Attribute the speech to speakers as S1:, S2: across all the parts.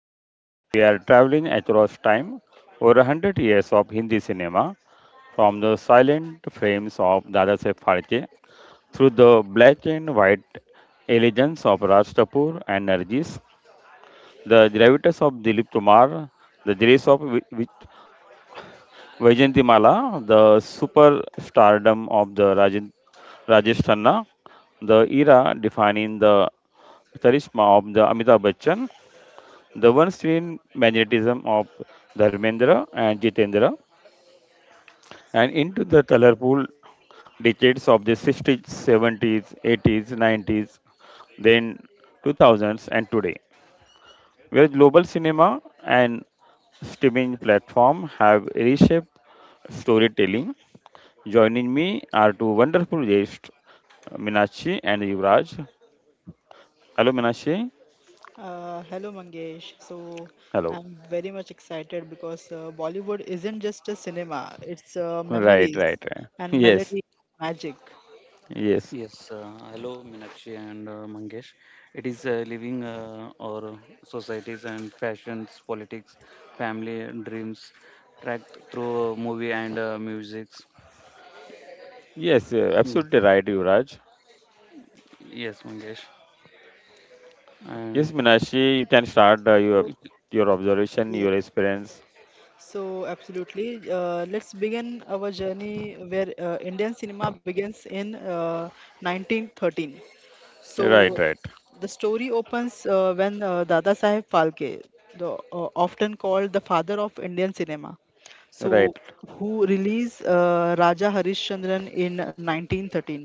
S1: Today we are traveling across time over 100 years of Hindi cinema, from the silent frames of Dadasaheb Phalke, through the black and white elegance of Raj Kapoor and Nargis, the gravitas of Dilip Kumar, the grace of Vajantimala, the superstardom of Rajesh Khanna, the era defining the charisma of the Amitabh Bachchan, the one-screen magnetism of Dharmendra and Jitendra, and into the colorful decades of the 60s, 70s, 80s, 90s, then 2000s and today, where global cinema and streaming platform have reshaped storytelling. Joining me are two wonderful guests, Minashi and Yuvraj. Hello, Minashi.
S2: Hello Mangesh.
S1: Hello.
S2: I'm very much excited because Bollywood isn't just a cinema, it's
S1: Right,
S2: memories
S1: right, right.
S2: and
S1: Yes,
S2: melody magic.
S1: yes,
S3: Yes, hello Meenakshi and Mangesh. It is living our societies and fashions, politics, family, and dreams tracked through movie and musics.
S1: yes,
S3: Mm,
S1: absolutely right, Yuvraj.
S3: yes, Mangesh. And
S1: Yes, Minashi, you can start
S2: So,
S1: your observation,
S2: yeah.
S1: your experience.
S2: Absolutely. Let's begin our journey where Indian cinema begins in 1913. So
S1: Right, right,
S2: the story opens when Dada Saheb Phalke, often called the father of Indian cinema, so
S1: right.
S2: who released Raja Harishchandran in 1913,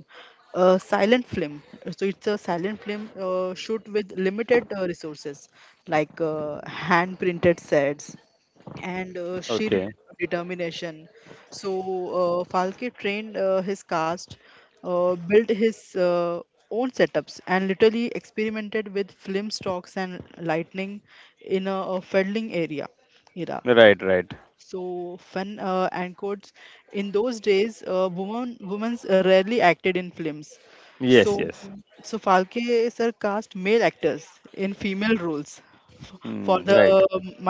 S2: a silent film. So it's a silent film shoot with limited resources, like hand printed sets, and sheer
S1: Okay.
S2: determination. So Falke trained his cast, built his own setups, and literally experimented with film stocks and lightning in a fiddling area. Era.
S1: Right, right.
S2: So fun and quotes. In those days, women rarely acted in films. So
S1: Yes, yes.
S2: so Falke sir cast male actors in female roles f- for
S1: Hmm,
S2: the
S1: right.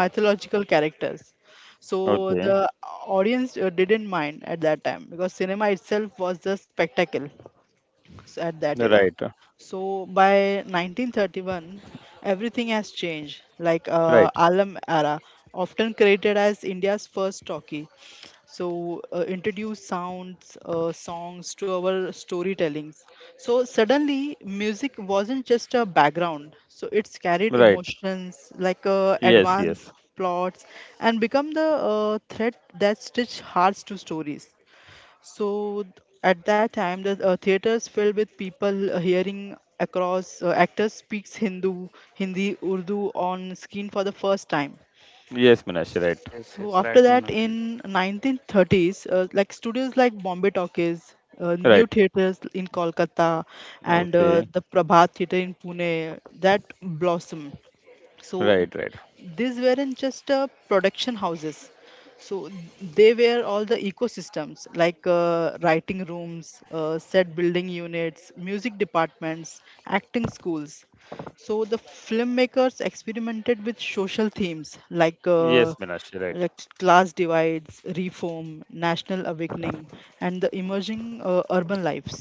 S2: mythological characters. So
S1: Okay.
S2: the audience didn't mind at that time because cinema itself was the spectacle at that era.
S1: Right,
S2: So by 1931, everything has changed. Like
S1: right,
S2: Alam era, often created as India's first talkie, so introduced sounds, songs to our storytellings. So suddenly, music wasn't just a background. So it's carried
S1: right.
S2: emotions, like
S1: Yes,
S2: advanced
S1: yes,
S2: plots, and become the thread that stitch hearts to stories. So th- at that time, the theaters filled with people hearing across actors speaks Hindi, Urdu on screen for the first time.
S1: yes, Minashi. Right,
S3: yes, yes,
S2: So
S3: right,
S2: after that,
S3: Meenakshi.
S2: in 1930s, like studios like Bombay Talkies, new
S1: right.
S2: theaters in Kolkata, and
S1: Okay.
S2: the Prabhat Theatre in Pune that blossom, so
S1: Right, right.
S2: these weren't just production houses, so they were all the ecosystems, like writing rooms, set building units, music departments, acting schools. So the filmmakers experimented with social themes, like
S1: Yes,
S2: uh,
S1: Minashi. Right.
S2: like class divides, reform, national awakening, and the emerging urban lives,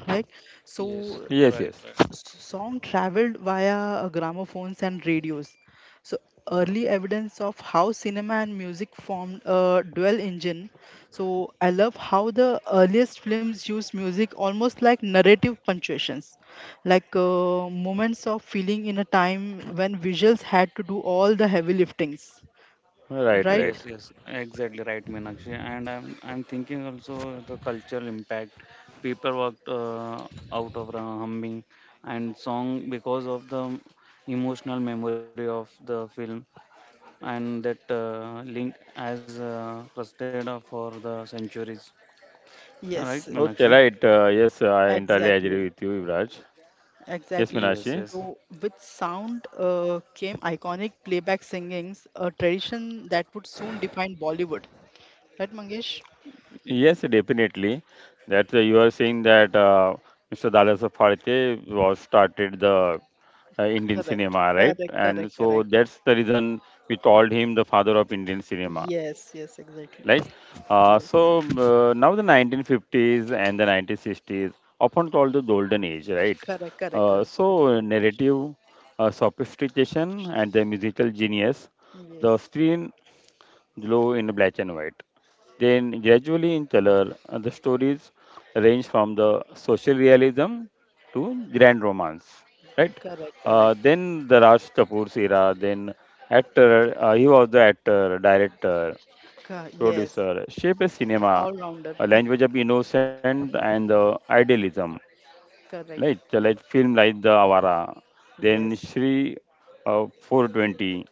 S2: like so
S3: Yes,
S1: Yes,
S3: right,
S1: yes.
S3: right.
S2: s- song traveled via gramophones and radios. So early evidence of how cinema and music formed a dual engine. So I love how the earliest films used music almost like narrative punctuations, like moments of feeling in a time when visuals had to do all the heavy liftings.
S1: Right,
S2: Right?
S3: Yes,
S1: right.
S3: yes, exactly right, Meenakshi. And I'm thinking also the cultural impact. People walked out of the humming and song because of the emotional memory of the film, and that link as trusted for the centuries. All right,
S2: Yes,
S3: Meenakshi.
S1: Okay, right. Yes, I entirely agree
S2: exactly.
S1: with you, Yuvraj. Yes,
S3: Yes,
S2: Exactly.
S3: yes,
S1: Minashi.
S2: So with sound came iconic playback singings, a tradition that would soon define Bollywood. Right, Mangesh?
S3: Y-
S1: Yes, definitely. That you are saying that Mr. Dalasa Phalke was started the Indian
S2: Correct,
S1: cinema, right?
S2: correct,
S1: And
S2: correct,
S1: so
S2: correct.
S1: that's the reason we called him the father of Indian cinema,
S2: Yes, yes, exactly.
S1: right?
S2: Yes,
S1: Now the 1950s and the 1960s, often called the golden age, right?
S2: correct, correct, correct. Bilkul.
S1: Narrative sophistication and the musical genius,
S2: Yes,
S1: the screen glow in black and white. Then, gradually in color, the stories range from the social realism to grand romance, right?
S2: correct, correct.
S1: Then the Raj Kapoor's era, then actor, he was the actor, director,
S2: Yes,
S1: producer, shape a
S2: yes, yes.
S1: cinema,
S2: All rounder.
S1: a language of innocence and idealism. Like
S2: Correct.
S1: the like film like the Avara, then
S2: Yes,
S1: Shri 420,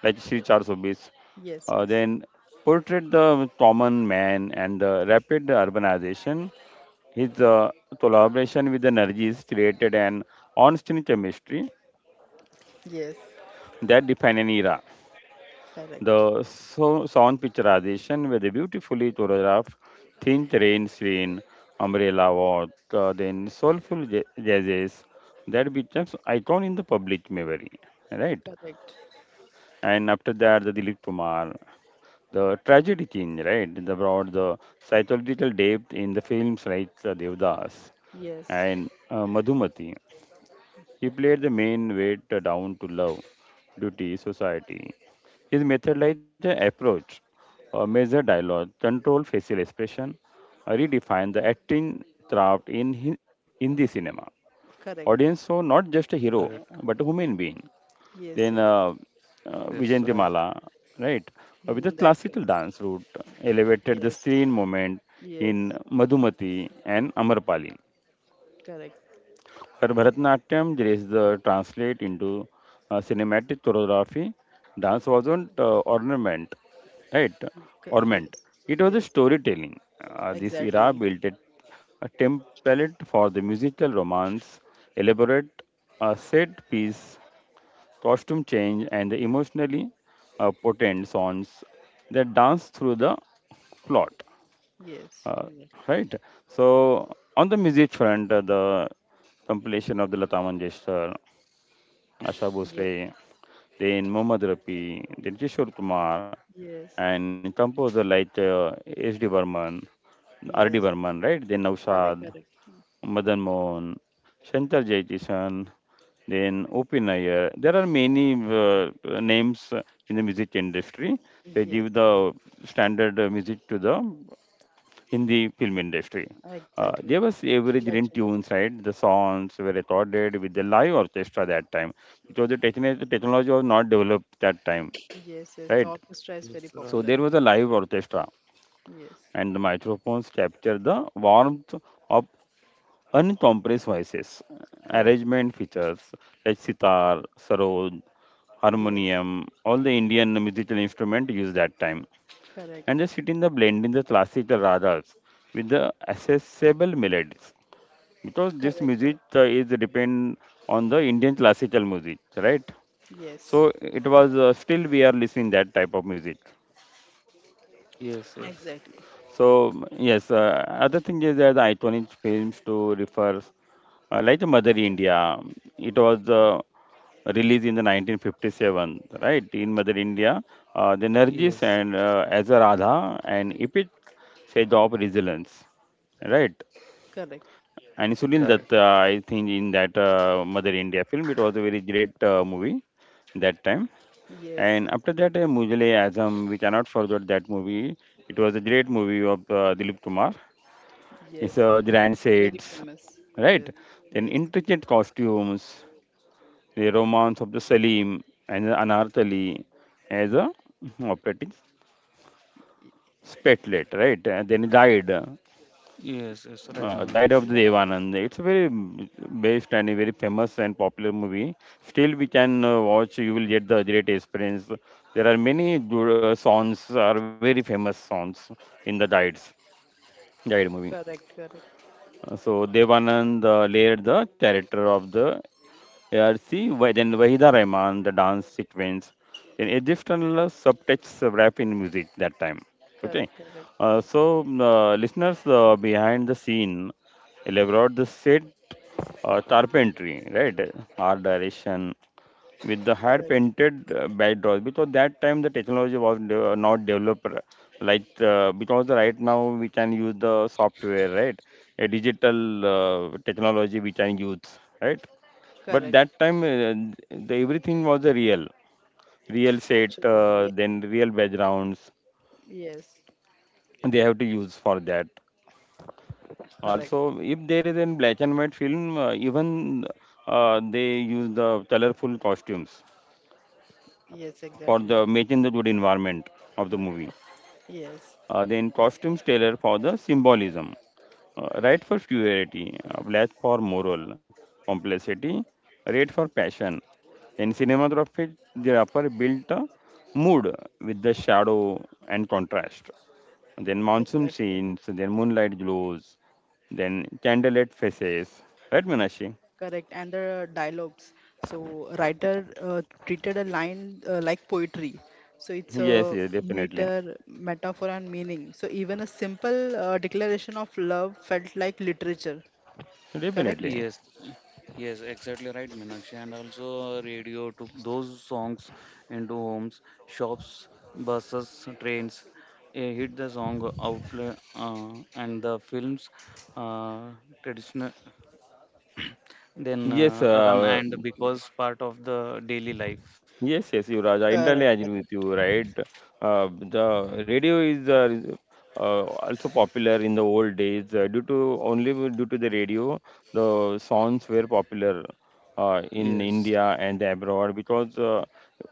S1: like Shri 420,
S2: yes, yes,
S1: then portrait the common man and the rapid urbanization. His collaboration with the Nargis created an on-screen chemistry
S2: yes.
S1: that defined an era.
S2: Correct,
S1: The sound picturization with a beautifully choreographed thin rain scene, umbrella walk, then soulful jazzes that becomes icon in the public memory, right?
S2: correct.
S1: And after that, the Dilip Kumar, the tragedy king, right? The brought the psychological depth in the films like Devdas
S2: Yes,
S1: and Madhumati. He played the main weight down to love, duty, society. His method like the approach, measure dialogue, control facial expression, redefine the acting craft in in the cinema.
S2: correct.
S1: Audience saw not just a hero
S3: correct.
S1: but a human being. Then
S2: Yes, yes.
S3: Yes, yes, right.
S1: Vijayantimala, right, with the
S2: Hmm, the
S1: classical
S2: actress.
S1: dance route, elevated the
S2: Yes,
S1: screen moment in
S2: yes,
S1: Madhumati and Amarpali.
S2: correct.
S1: Her Bharatanatyam is translate into cinematic choreography. Dance wasn't ornament, right? Ornament.
S2: Yes,
S1: It was a
S2: yes,
S1: storytelling. This era
S2: exactly.
S1: built a template for the musical romance, elaborate set piece, costume change, and the emotionally potent songs that dance through the plot.
S2: Yes,
S1: Uh,
S2: yes,
S1: right. So on the music front, the compilation of the Lata Mangeshkar, Asha
S2: yes,
S1: Bhosle, then Mohammad Rafi, then Kishore Kumar,
S2: yes,
S1: and composer like S.D. Burman, R.D.
S2: yes.
S1: Burman, right? Then
S2: Correct,
S1: Naushad,
S2: correct.
S1: Madan Mohan, Shankar Jaikishan, then O.P. Nair. There are many names in the music industry. They
S2: Yes,
S1: give the standard music to the in the film industry.
S2: exactly.
S1: There was average in
S2: Legend.
S1: tunes, right? The songs were recorded with the live orchestra that time, because the the technology was not developed that time,
S2: Yes, yes. The
S1: right?
S2: orchestra is
S3: Yes,
S2: very
S3: right.
S1: So
S2: popular.
S1: there was a live orchestra,
S2: Yes,
S1: and the microphones captured the warmth of uncompressed voices.
S2: correct.
S1: Arrangement features like sitar, sarod,
S2: Yes,
S1: harmonium, all the Indian musical instrument used that time, and
S2: correct.
S1: just sit in the blend in the classical ragas with the accessible melodies, because this
S2: Correct, correct.
S1: music is depend on the Indian classical music, right?
S2: Yes,
S1: So it was still we are listening that type of music.
S3: Yes, yes,
S2: exactly.
S1: So yes, other thing is that the iconic films to refer. Like the Mother India, it was released in the 1957, right? In Mother India, the Nargis
S3: yes,
S1: and as a Radha and Ipit sage of resilience, right?
S2: Correct.
S1: And
S3: yes,
S1: Sunil
S3: correct.
S1: Datta, I think in that Mother India film, it was a very great movie that time.
S2: Yes,
S1: And
S2: yes,
S1: after that, Mujale Azam, we cannot forget that movie. It was a great movie of Dilip Kumar.
S2: yes,
S1: It's
S2: yes.
S1: grand
S2: Very
S1: sets,
S2: famous. Yes,
S1: right? Then
S2: yes.
S1: intricate costumes the Romance of the Salim and the Anartali as a operating spatlet, right? And then he died,
S3: Yes, yes, right, Mangesh.
S1: died of the
S2: No,
S1: Devanand. It's a very mm, based and a very famous and popular movie. Still, we can watch. You will get the great experience. There are many songs are very famous songs in the Dides, Died movie.
S2: correct, correct,
S1: So Devanand layered the character of the yeah, then Wahida Rahman, the dance sequence, then Egyptian subtext rap in music that time. Okay.
S2: correct, correct,
S1: Listeners behind the scene elaborate the set carpentry, right? Art direction with the hand
S2: correct,
S1: painted backdrops because that time the technology was not developed like because right now we can use the software, right? A digital technology we can use, right? But
S2: correct.
S1: that time the everything was a real set
S2: Actually, yes.
S1: then real backgrounds
S2: Yes,
S1: they have to use for that,
S2: correct.
S1: also if there is a black and white film even they use the colorful costumes
S2: Yes,
S1: for
S2: exactly.
S1: the making the good environment of the movie,
S2: Yes,
S1: then costumes tailor for the symbolism, right for purity, left for moral complexity, right for passion. In cinematography, the upper built a mood with the shadow and contrast. Then monsoon
S2: exactly.
S1: scenes, then moonlight glows, then candlelit faces. Right, Meenakshi?
S2: Correct. And the dialogues. So writer treated a line like poetry. So it's
S1: Yes,
S2: a
S1: yes, definitely.
S2: meter, metaphor, and meaning. So even a simple declaration of love felt like literature. Correct?
S1: Definitely.
S3: Yes, yes, exactly right, Meenakshi. And also radio took those songs into homes, shops, buses, trains. Hit the song outlet uh, and the films uh, traditional then
S1: Yes,
S3: run and because part of the daily life.
S1: yes, yes, Yuvraj, I entirely
S2: Correct.
S1: agree with
S2: Correct.
S1: you, right? The radio is also popular in the old days due to the radio, the songs were popular in
S3: Yes,
S1: India and abroad, because uh,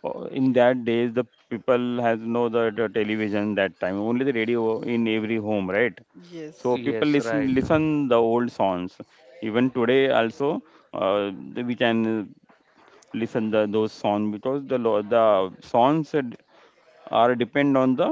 S1: uh, in that days the people has no the, the television that time, only the radio in every home, right?
S2: Yes.
S1: So people
S3: yes, right.
S1: listen the old songs. Even today also, uh, we can listen the those songs, because the the songs are are depend on the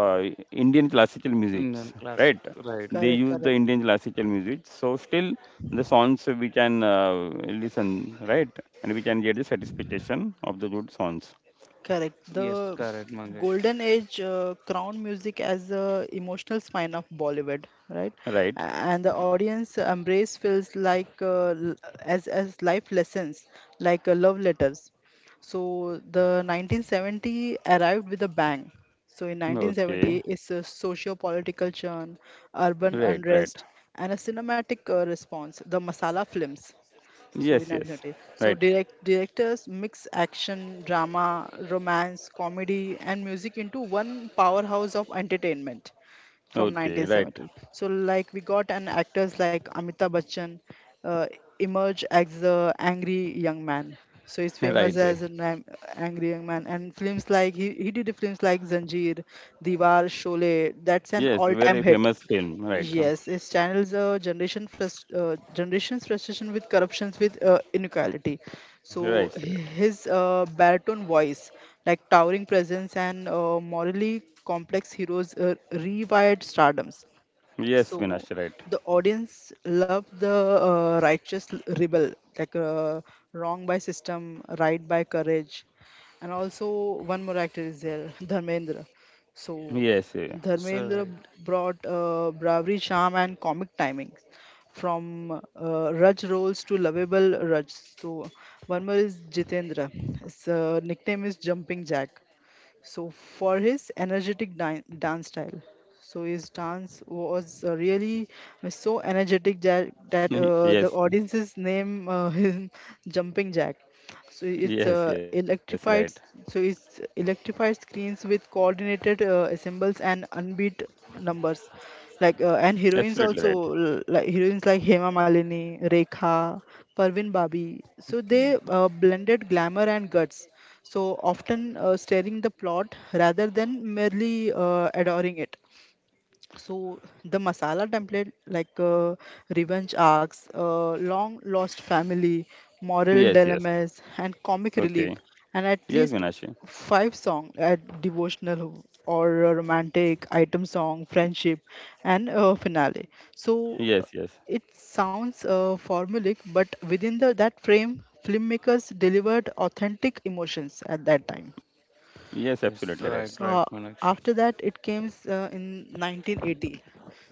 S1: uh, Indian classical musics,
S3: And classic,
S1: right?
S3: right.
S1: They
S2: Correct.
S1: use the
S2: Correct.
S1: Indian classical music, so still the songs we can listen, right? And we can get the satisfaction of the good songs,
S2: Correct.
S3: Yes,
S2: The
S3: correct, Mangesh.
S2: golden age crowned music as the emotional spine of Bollywood, right?
S1: right?
S2: A- And the audience embrace feels like as life lessons, like love letters. So the 1970 arrived with a bang. So in 1970,
S1: Okay,
S2: it's a socio-political churn, urban
S1: right, right.
S2: unrest, and a cinematic response. The masala films so
S1: Yes,
S2: in
S1: yes,
S2: anxiety. So
S1: right.
S2: directors mix action, drama, romance, comedy, and music into one powerhouse of entertainment from
S1: Okay, right,
S2: 1970. So like we got an actors like Amitabh Bachchan uh, emerge as the angry young man. So he's famous
S1: right. Eh.
S2: as an angry young man, and films like he did films like Zanjeer, Diwar, Sholay. That's an
S1: Yes,
S2: all-time
S1: very
S2: hit.
S1: famous film, right?
S2: Yes, it channels a generation's frustration with corruptions with inequality.
S1: Right,
S2: So
S1: right.
S2: his baritone voice, like towering presence and morally complex heroes, rewired stardoms.
S1: Yes,
S2: So
S1: Vinash, right.
S2: the audience love the righteous rebel, like wrong by system, right by courage, and also one more actor is there, Dharmendra. So
S1: Yes, eh.
S3: Yes,
S2: Dharmendra
S3: right.
S2: brought bravery, charm, and comic timings from Raj roles to lovable Raj. So one more is Jitendra. His nickname is Jumping Jack, so for his energetic dance style. So his dance was really so energetic that the
S1: Yes.
S2: audience's name him jumping jack. So it's
S1: Yes, yes, right.
S2: electrified screens with coordinated symbols and unbeat numbers, and
S1: Absolutely
S2: heroines
S1: right.
S2: also like heroines like Hema Malini, Rekha, Parvin Babi. So they blended glamour and guts. So often steering the plot rather than merely adoring it. So the masala template, like revenge arcs, long lost family, moral
S1: Yes, yes.
S2: dilemmas, and comic relief,
S1: Okay.
S2: and at
S1: Yes,
S2: least
S1: Minashi.
S2: five song at devotional or a romantic item song, friendship, and finale. So
S1: Yes, yes.
S2: it sounds formulaic, but within the that frame, filmmakers delivered authentic emotions at that time.
S1: Yes,
S3: Yes,
S1: absolutely
S3: right,
S1: right.
S3: right,
S2: So
S3: Manakshi.
S2: after that, it came in 1980.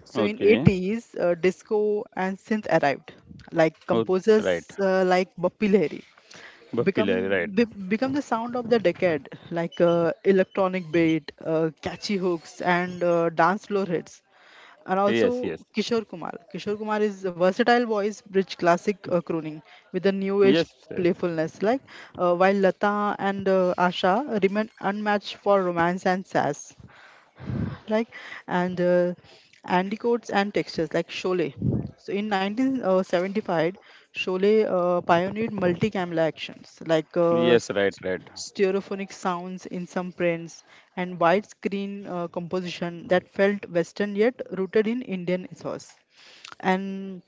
S2: So in
S1: Okay.
S2: 80s, disco and synth arrived. Like
S1: Oh, right.
S2: composers like Bappi Lahiri
S1: Bhakti Lahiri,
S2: become
S1: right.
S2: become the sound of the decade. Like electronic beat, catchy hooks, and dance floor hits. And
S1: Yes,
S2: also
S1: yes.
S2: Kishore Kumar. Kishore Kumar is a versatile voice, rich classic crooning with a new age
S1: Yes, yes.
S2: playfulness. Like while Lata and Asha remain unmatched for romance and sass, like and anticoats and textures like Sholay. So in 1975, Sholay pioneered multi-camera actions, like
S1: Yes, right, right.
S2: stereophonic sounds in some prints and widescreen composition that felt Western yet rooted in Indian ethos. And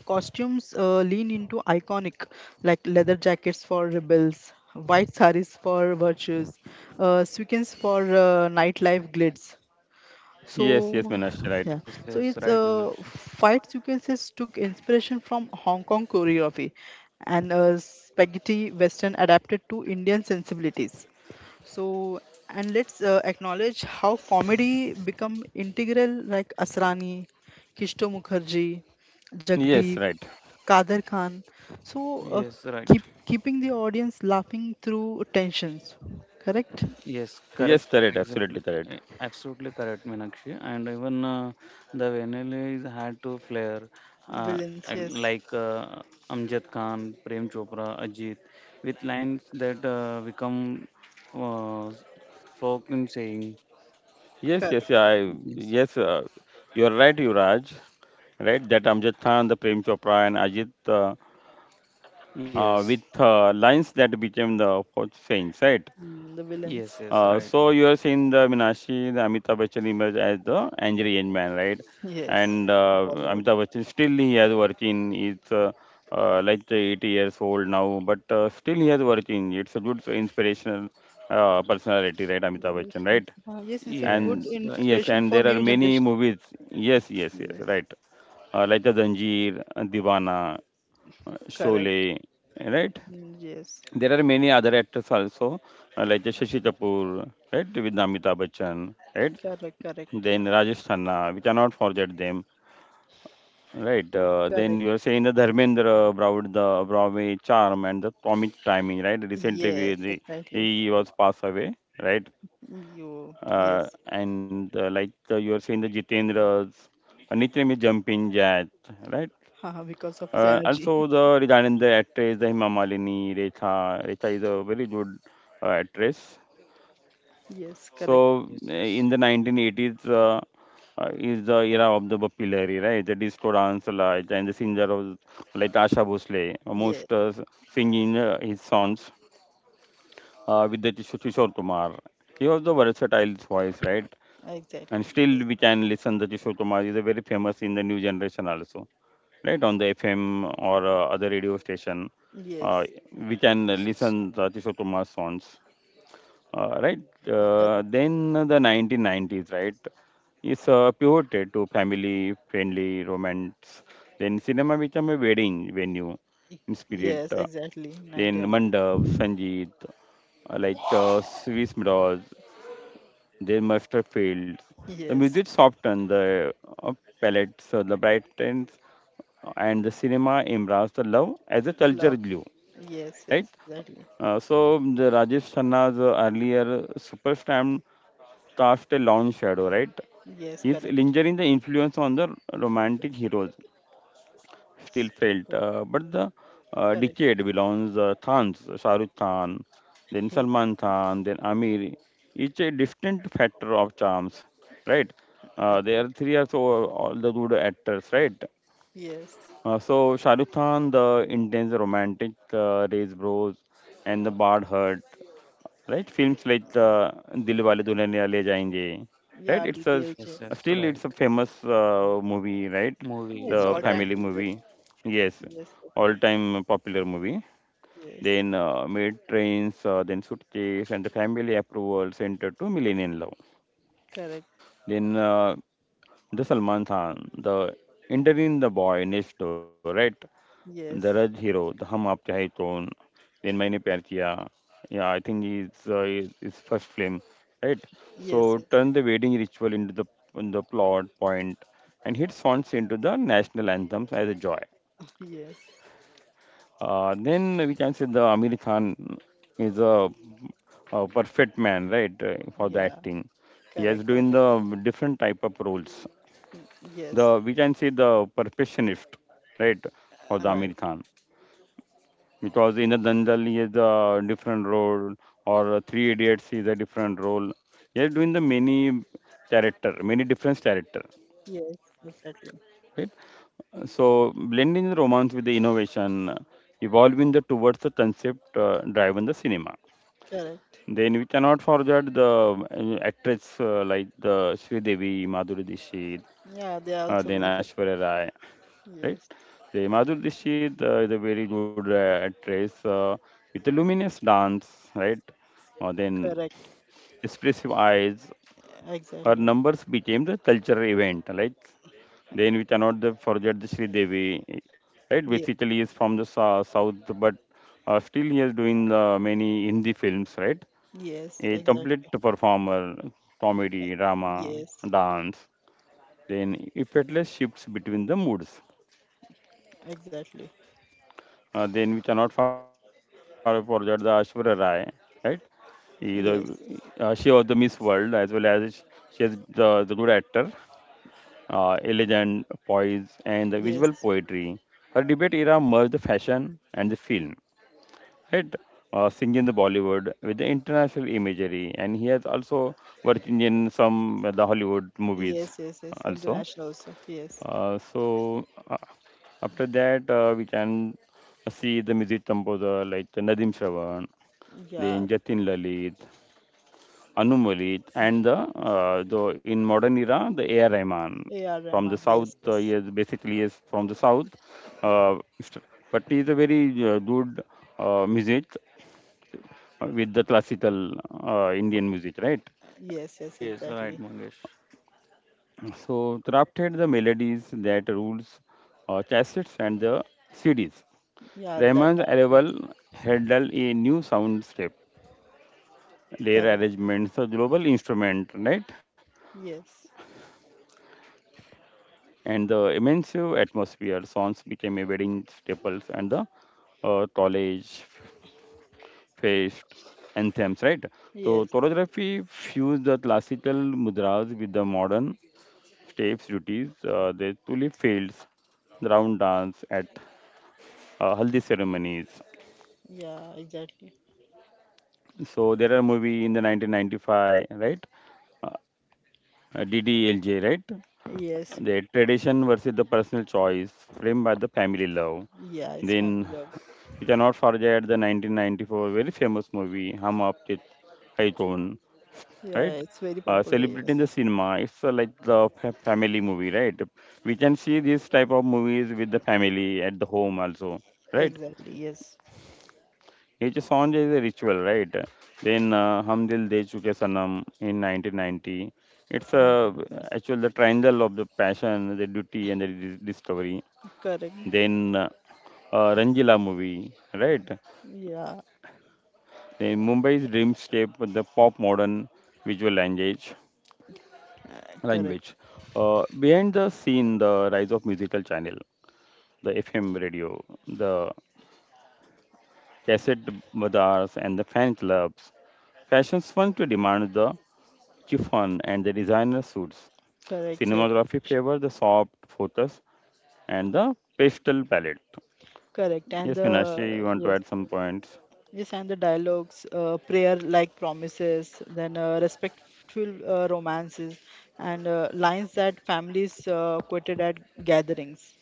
S2: costumes lean into iconic, like leather jackets for rebels, white saris for virtues, sequins for nightlife glitz,
S1: Yes, yes,
S2: so,
S1: Minashi, right.
S2: yeah,
S3: Yes,
S2: so
S3: yes,
S2: it's
S3: right, Manakshi.
S2: fight sequences took inspiration from Hong Kong choreography and spaghetti western adapted to Indian sensibilities. So, and let's acknowledge how comedy become integral, like Asrani, Kishto Mukherjee,
S1: Yes,
S2: Jagdeep,
S1: right.
S2: Kader Khan. So,
S3: Yes, right.
S2: keeping the audience laughing through tensions, correct?
S3: Yes,
S1: Yes,
S3: correct.
S1: correct.
S3: Exactly.
S1: Absolutely correct.
S3: Absolutely correct, Meenakshi. And even the vanilla is had to flair uh,
S2: Villains,
S3: and
S2: yes,
S3: like Amjad Khan, Prem Chopra, Ajit, with lines that become uh, folk in saying.
S1: Yes,
S2: correct.
S1: yes, yeah, I,
S3: Yes,
S1: yes. You're right, Yuraj. Right, that Amjad Khan, the Prem Chopra, and Ajit
S3: yes,
S1: with lines that became the hot saints, right?
S2: Mm, the villains.
S3: yes, yes, right.
S1: So you have seen the Minashi, the Amitabh Bachchan image as the angry young man, right?
S2: Yes,
S1: And
S2: Bollywood.
S1: Amitabh Bachchan still he has working. It's like 80 years old now, but still he has working. It's a good inspirational personality, right? Amitabh
S2: Yes,
S1: Bachchan, right?
S2: yes, it's a good
S1: And
S3: Yes, right,
S1: yes,
S3: right.
S2: inspiration
S1: and
S2: for
S1: there
S2: new
S1: are many
S2: generation.
S1: movies. Yes, yes, yes,
S2: Yes,
S1: right. Like the Zanjeer, Deewana,
S2: correct.
S1: Sholay, right?
S2: Mm, yes,
S1: There are many other actors also, like Shashi Kapoor, right, with Amitabh Bachchan, right?
S2: correct, correct.
S1: Then Rajesh Khanna, we cannot forget them, right?
S2: Yes, correct.
S1: Then you are saying the Dharmendra Broad, the Broadway charm and the comic timing, right? Recently, we,
S2: Yes,
S1: the,
S2: exactly.
S1: he was passed away, right?
S2: You, yes,
S1: And like you are saying the Jitendra's, Nitram is Jumping Jack, right?
S2: haha, because of his energy.
S1: Also, the regarding the actress, the Hema Malini, Rekha, Rekha is a very good actress.
S2: Yes, correct.
S1: So
S3: Yes,
S1: eh,
S3: yes,
S1: in the 1980s is the era of the Bappi, right? The disco dance like, and the singer of like Asha Bhosle,
S2: Yes,
S1: most singing his songs with the Kishore Kumar. He was the versatile voice, right? And
S2: exactly. Yes,
S1: still we can listen the Kishore Kumar. Is a very famous in the new generation also, right? On the FM or other radio station, uh,
S2: yes,
S1: we can
S3: yes,
S1: listen the Kishore Kumar songs. Right.
S2: correct.
S1: Then the 1990s, right, is pivoted to family friendly romance. Then cinema became a wedding venue in spirit.
S2: Yes, exactly. 90
S1: Then
S2: 90.
S1: Mandap, Sangeet, like Swiss Mirrors, then Master Fields. The
S2: Yes,
S1: music softened the uh, palettes, the brightens, and the cinema embraced the love as a
S2: love.
S1: culture glue,
S2: Yes,
S1: right?
S2: yes, exactly.
S1: So the Rajesh Khanna's earlier superstar cast a long shadow, right?
S2: Yes,
S1: His
S2: correct.
S1: lingering the influence on the romantic heroes still
S2: Still got
S1: felt,
S2: it.
S1: but the
S2: Correct.
S1: decade belongs Khans, Shah Rukh Khan, then Salman Khan, then Amir. Each a distinct factor of charms, right? There
S2: Exactly.
S1: are three or so all the good actors, right?
S2: Yes.
S1: So Shah Rukh Khan, the intense romantic, Raise Bros, and the Bad Heart, right? Films like Dilwale Dulhania Le Jayenge, right?
S2: Yeah,
S1: It's a
S2: DDLJ.
S3: yes, yes,
S1: still it's
S3: right.
S1: a famous movie, right?
S2: Yeah,
S3: Movie,
S2: it's
S1: The
S2: all
S3: right.
S2: time
S1: family
S2: favorite.
S1: movie, yes,
S2: Yes, yes,
S1: all-time popular movie.
S2: yes. Yes.
S1: Then Made Trains, then Suitcase, and the Family Approval Center to Millennium Love.
S2: Correct.
S1: Then the Salman Khan, the Enter in the Boy Next Door, right? Daraj
S2: Yes.
S1: Hero, the Hum Aap Chahe Kaun, then Maine Pyar Kiya. Yeah, I think it's his first film, right?
S2: Yes,
S1: So
S2: yes.
S1: turn the wedding ritual into the plot point, and hit songs into the national anthems as a joy.
S2: Yes.
S1: Then we can say the Amir Khan is a perfect man, right, for the
S2: Yeah.
S1: acting. He has
S2: Correct.
S1: doing
S2: Perfect.
S1: the different type of roles.
S2: Yes.
S1: The we can say the perfectionist, right, for the
S2: Right.
S1: Amir Khan, because in the Dandal he has a different role, or Three Idiots is a different role. He is doing the many character, many different character,
S2: Yes, exactly.
S1: right? So blending the romance with the innovation, evolving the towards the concept driven the cinema.
S2: Correct.
S1: Then we cannot forget the actress like the Sri Devi, Madhuri Dixit,
S2: Yeah, they are also
S1: then
S2: very fair.
S1: Ashwarya Rai, right?
S2: Yes.
S1: The Madhur Dixit is a very good actress with a luminous dance, right? Then
S2: Correct.
S1: expressive eyes. Her
S2: Exactly.
S1: numbers became the cultural event, right? Then we cannot forget the Sri Devi, right?
S2: Yes.
S1: Basically, is from the south, but still he is doing many Hindi films, right?
S2: Yes,
S1: A complete
S2: exactly.
S1: performer, comedy,
S2: E-
S1: drama,
S2: Yes,
S1: dance. Then effortless shifts between the moods.
S2: exactly.
S1: Then we cannot forget the Ashwarya Rai, right? He, the, she
S2: Yes.
S1: was the Miss World, as well as she is the good actor, elegant poise, and the visual
S2: Yes.
S1: poetry. Her debate era merged the fashion and the film, right? Singing the Bollywood with the international imagery, and he has also worked in some the Hollywood movies
S2: Yes, yes, yes.
S1: also.
S2: International also. Yes.
S1: Uh, so uh, After that, we can see the music composer like Nadim Shravan,
S2: Yeah,
S1: then Jatin Lalit, Anu Malik, and the,
S2: yes.
S1: uh, the in modern era the A.R. Rahman
S2: AR
S1: from the
S2: Rahman,
S1: south.
S2: yes,
S1: He
S2: yes.
S1: is basically is from the south, uh, st- but he is a very good music with the classical Indian music, right?
S2: Yes, yes,
S3: Yes, right,
S2: exactly.
S3: Mangesh.
S1: So crafted the melodies that rules cassettes and the CDs.
S2: Yeah, that
S1: Rahman's
S2: time, yes,
S1: arrival heralded a new soundscape, layer
S2: correct.
S1: arrangements, a global instrument, right?
S2: Yes,
S1: And the immense atmosphere, songs became a wedding staples and the college faced anthems, right? So
S2: yes,
S1: choreography fused the classical mudras with the modern steps duties. The tulip fields, the round dance at haldi ceremonies.
S2: yeah, exactly.
S1: So there are movie in the 1995, right? Uh, DDLJ, right?
S2: Yes,
S1: The tradition versus the personal choice, framed by the family love.
S2: yeah, it's family
S1: Then
S2: love.
S1: we cannot forget the 1994 very famous movie Hum Aapke Hai Kaun, right?
S2: Yeah, it's very popular. Yes,
S1: Celebrating the cinema, it's like the family movie, right? We can see this type of movies with the family at the home also, right?
S2: exactly. Yes,
S1: Each song is a ritual, right? Then Hum Dil De Chuke Sanam in 1990. It's
S2: absolutely.
S1: actually the triangle of the passion, the duty, and the discovery.
S2: Correct.
S1: Then Ranjila movie, right?
S2: Yeah,
S1: Then Mumbai's dreamscape, with the pop modern visual language. language.
S2: correct,
S1: Behind the scene, the rise of musical channel, the FM radio, the cassette bazaars, and the fan clubs. Fashion swung to demand the chiffon and the designer suits.
S2: correct, sir.
S1: Cinematography favor the soft focus and the pastel palette.
S2: Correct. And
S1: Yes, Minashi,
S2: the
S1: you want to
S2: yes,
S1: add some points?
S2: yes, and the dialogues, prayer like promises, then respectful romances, and lines that families quoted at gatherings.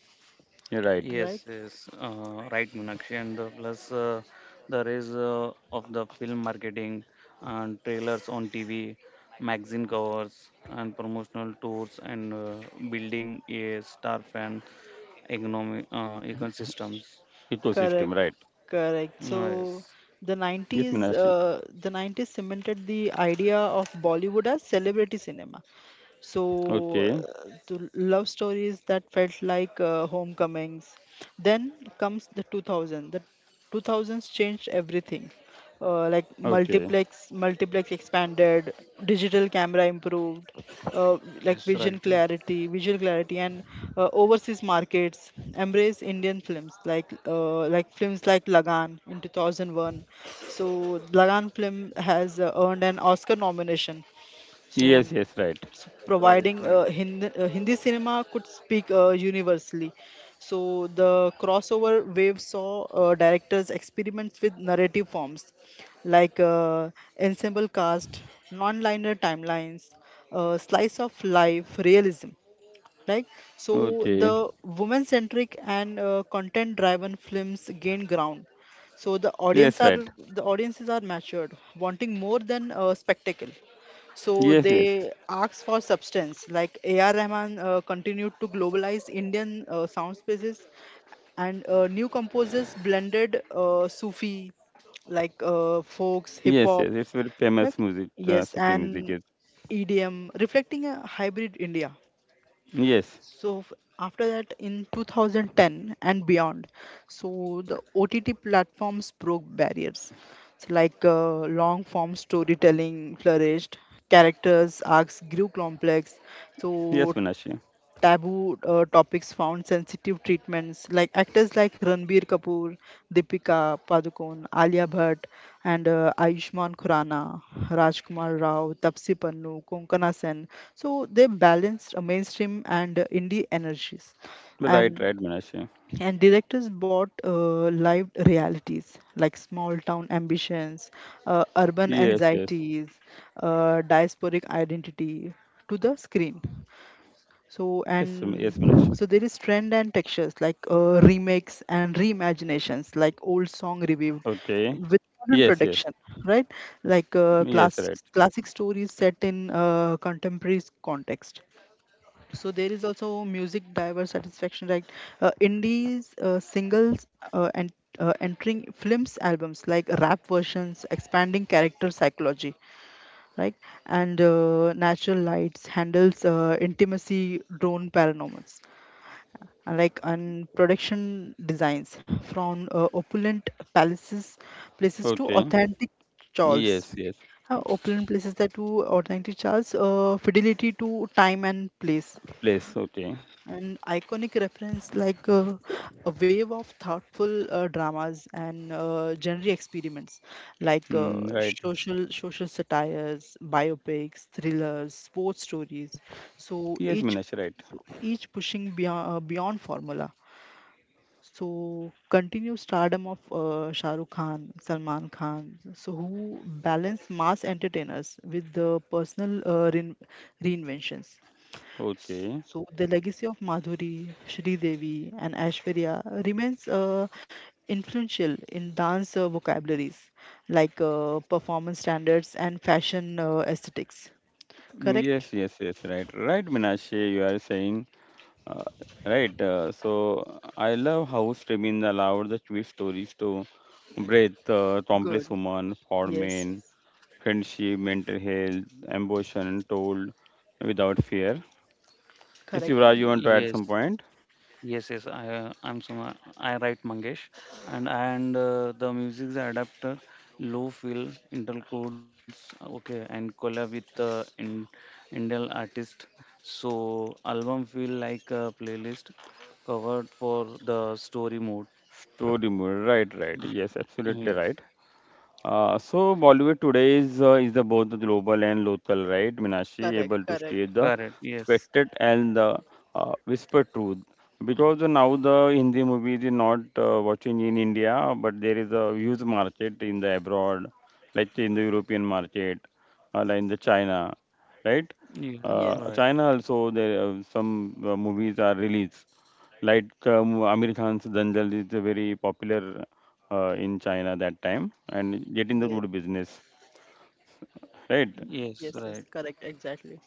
S1: You're right.
S2: Right?
S3: Yes, yes, right, Meenakshi. And the plus the rise of the film marketing and trailers on TV, magazine covers, and promotional tours, and building a star fan economic ecosystems.
S2: Correct,
S1: Ecosystem, right.
S2: correct. So
S3: Ah, yes,
S2: the
S1: Yes,
S2: 90s,
S1: Minashi.
S2: the 90s cemented the idea of Bollywood as celebrity cinema. So
S1: Okay.
S2: the love stories that felt like homecomings. Then comes the 2000. The 2000s changed everything, uh, like
S1: Okay.
S2: multiplex multiplex expanded, digital camera improved, uh,
S3: yes, right,
S2: vision clarity visual clarity, and overseas markets embrace Indian films, like films like Lagan in 2001. So Lagan film has earned an Oscar nomination, so,
S1: Yes, yes,
S3: yes,
S1: right.
S2: so
S3: right,
S2: providing
S3: right.
S2: Hindi cinema could speak universally. So the crossover wave saw directors experiments with narrative forms, like ensemble cast, non-linear timelines, slice of life realism. like the
S1: Okay.
S2: woman centric and content driven films gain ground. So
S1: Yes, right.
S2: the audiences are matured, wanting more than spectacle, so
S1: Yes, yes.
S2: they ask for substance. Like AR Rahman continued to globalize Indian sound spaces, and new composers blended Sufi, like folks, hip
S1: Yes,
S2: hop,
S1: yes. It's very famous
S2: like-
S1: music,
S2: yes,
S1: Sufi music is.
S2: and EDM, reflecting a hybrid India.
S1: Yes.
S2: so f- After that, in 2010 and beyond, so the OTT platforms broke barriers. So like long form storytelling flourished, characters arcs grew complex,
S1: Yes,
S2: so
S1: Minashi.
S2: taboo topics found sensitive treatments, like actors like Ranbir Kapoor, Deepika Padukone, Alia Bhatt, and Ayushmann Khurrana, Rajkumar Rao, Tapsi Pannu, Konkana Sen. So they balanced mainstream and indie energies,
S1: Right,
S2: and
S1: right, Minashi.
S2: and directors brought live realities, like small town ambitions, urban
S1: Yes, yes.
S2: anxieties, diasporic identity to the screen. So
S1: Yes, yes, Minashi.
S2: and so there is trend and textures, like remakes and reimaginations, like old song revived
S1: Okay.
S2: with modern
S1: Yes, yes.
S2: production, right? Like
S1: Yes, right.
S2: classic stories set in contemporary context. So there is also music diverse satisfaction, like indies singles and entering films albums, like rap versions, expanding character psychology, right? And natural lights handles intimacy, drone paranormals, and like and production designs from opulent palaces places to
S1: Okay.
S2: authentic Charles.
S1: Yes, yes.
S2: Opulent places that to authentic Charles, fidelity to time and place.
S1: Place, okay.
S2: An iconic reference like a wave of thoughtful dramas and genre experiments, like
S1: Mm, right.
S2: social satires, biopics, thrillers, sports stories. So
S1: Yes, Minash, right.
S2: each pushing beyond formula. So continue stardom of Shah Rukh Khan, Salman Khan, so who balance mass entertainers with the personal reinventions.
S1: Okay.
S2: So the legacy of Madhuri, Shri Devi, and Aishwarya remains influential in dance vocabularies, like performance standards and fashion aesthetics.
S1: Mm, yes,
S2: Correct?
S1: yes, yes, right. Right, Minash, you are saying, uh, right. So I love how streaming allowed the Jewish stories to breathe complex
S2: Good.
S1: human, for
S2: Yes.
S1: men, friendship, mental health, ambition, told without fear. Yes,
S2: Correct.
S1: Yuvraj, you want to add
S3: Yes,
S1: some point?
S3: yes, yes, I'm Suma. I write Mangesh, and the music's adapter, low fill interludes, okay, and collab with in Indian artist. So album feel like a playlist covered for the story mode.
S1: Story mode, right, right. Yes, absolutely right.
S3: Yes,
S1: So Bollywood today is the both the global and local, right? Minashi
S2: Correct.
S1: able to
S2: Correct.
S1: stay the
S3: correct. Yes,
S1: spectated and the whisper truth, because now the Hindi movies is not watching in India, but there is a huge market in the abroad, like in the European market, like in the China, right?
S3: yeah,
S2: Yes.
S3: right.
S1: China also, there some movies are released. Like Amir Khan's Dangal is a very popular in China that time, and getting the
S2: Yes.
S1: good business, right?
S2: Yes.
S3: Yes,
S2: Yes.
S3: right.
S2: Correct. Exactly.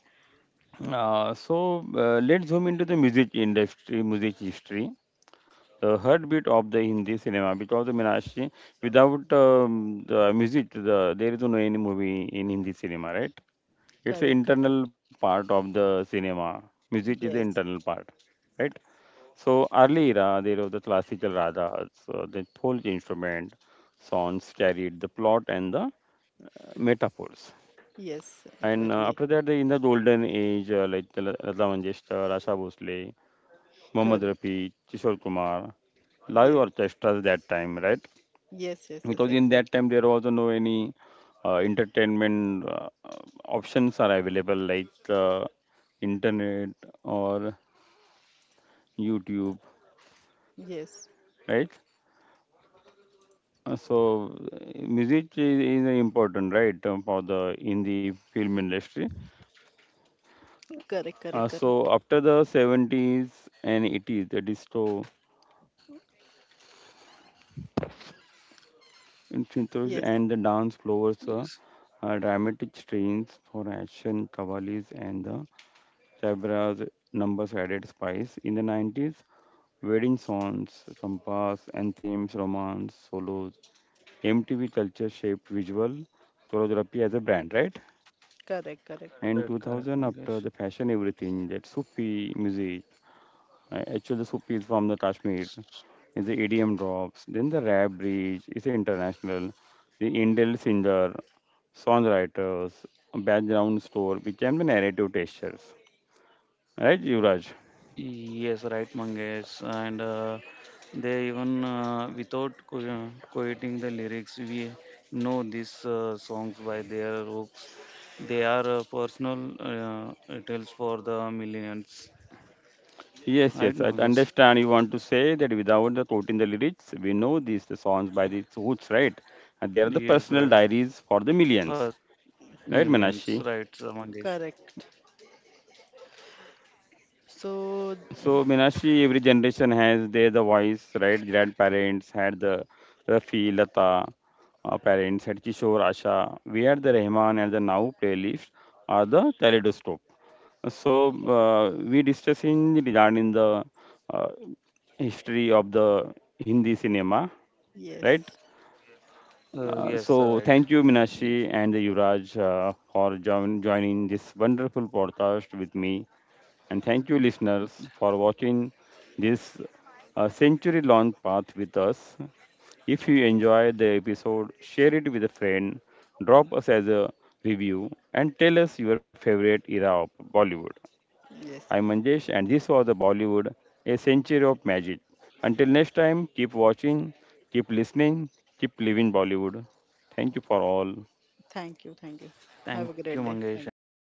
S1: Let's zoom into the music industry, music history, the heartbeat of the Hindi cinema. Because I mean, actually, without the music, the, there is no any movie in Hindi cinema, right? It's an
S2: Correct. Correct.
S1: internal part of the cinema. Music is the internal
S2: Yes.
S1: part, right? So early era, there was the classical ragas, the folk instrument, songs carried the plot and the metaphors.
S2: Yes.
S1: And
S2: Exactly.
S1: after that, they, in the golden age, like the Lata Mangeshkar, Asha Bhosle, Mohammad
S2: Correct.
S1: Rafi, Kishore Kumar, live
S2: Yes.
S1: orchestras that time, right?
S2: Yes. Yes. Yes.
S1: Because in that
S2: Exactly.
S1: time there was no any entertainment options are available like internet or YouTube,
S2: Yes.
S1: right? So music is important, right, for the in the film industry.
S2: Correct. Correct.
S1: uh,
S2: Correct.
S1: so after the 70's and 80's the disco intros
S2: Yes.
S1: and the dance floors,
S3: Yes,
S1: dramatic strains for action, cavalries, and the Sabras numbers added spice. In the 90's, wedding songs from past and romance, solos. MTV culture shaped visual choreography as a brand, right?
S2: Correct. Correct.
S1: And
S3: correct, correct,
S1: 2000, after
S3: Mangesh.
S1: the fashion, everything that Sufi music. Actually, the Sufi is from the Kashmir. Is the EDM drops. Then the rap bridge is international. The Indian singer, songwriters, background score became the narrative textures. Right, Yuvraj?
S3: Yes, right, Mangesh. And they even without quoting the lyrics, we know these songs by their hooks. They are personal tales for the millions.
S1: Yes,
S3: Right,
S1: yes, I
S3: Mangesh?
S1: understand. You want to say that without the quoting the lyrics, we know these the songs by the roots, right? And they are the
S3: Yes,
S1: personal
S3: right.
S1: diaries for the
S3: Uh,
S1: millions, right,
S3: millions, right,
S1: Minashi?
S3: Mangesh?
S2: Correct. So,
S1: So, Minashi, every generation has their the voice, right? Grandparents had the Rafi, Lata, our parents had Kishore, Asha. We had the Rahman, and the now playlist are the Kaleidoscope. So, we discussing regarding the uh, history of the Hindi cinema, right?
S2: yes,
S3: Yes, right.
S1: So
S3: Yes.
S1: thank you, Minashi and Yuvraj, for joining this wonderful podcast with me. And thank you, listeners, for watching this century-long path with us. If you enjoy the episode, share it with a friend, drop us as a review, and tell us your favorite era of Bollywood.
S2: yes,
S1: I'm
S2: yes.
S1: Manjesh, and this was the Bollywood, a century of magic. Until next time, keep watching, keep listening, keep living Bollywood. Thank you for all.
S2: Thank you, thank you. Have
S3: Thank
S2: a
S3: you,
S2: great day.
S3: Mangesh and
S2: Thank you.
S3: Meenakshi.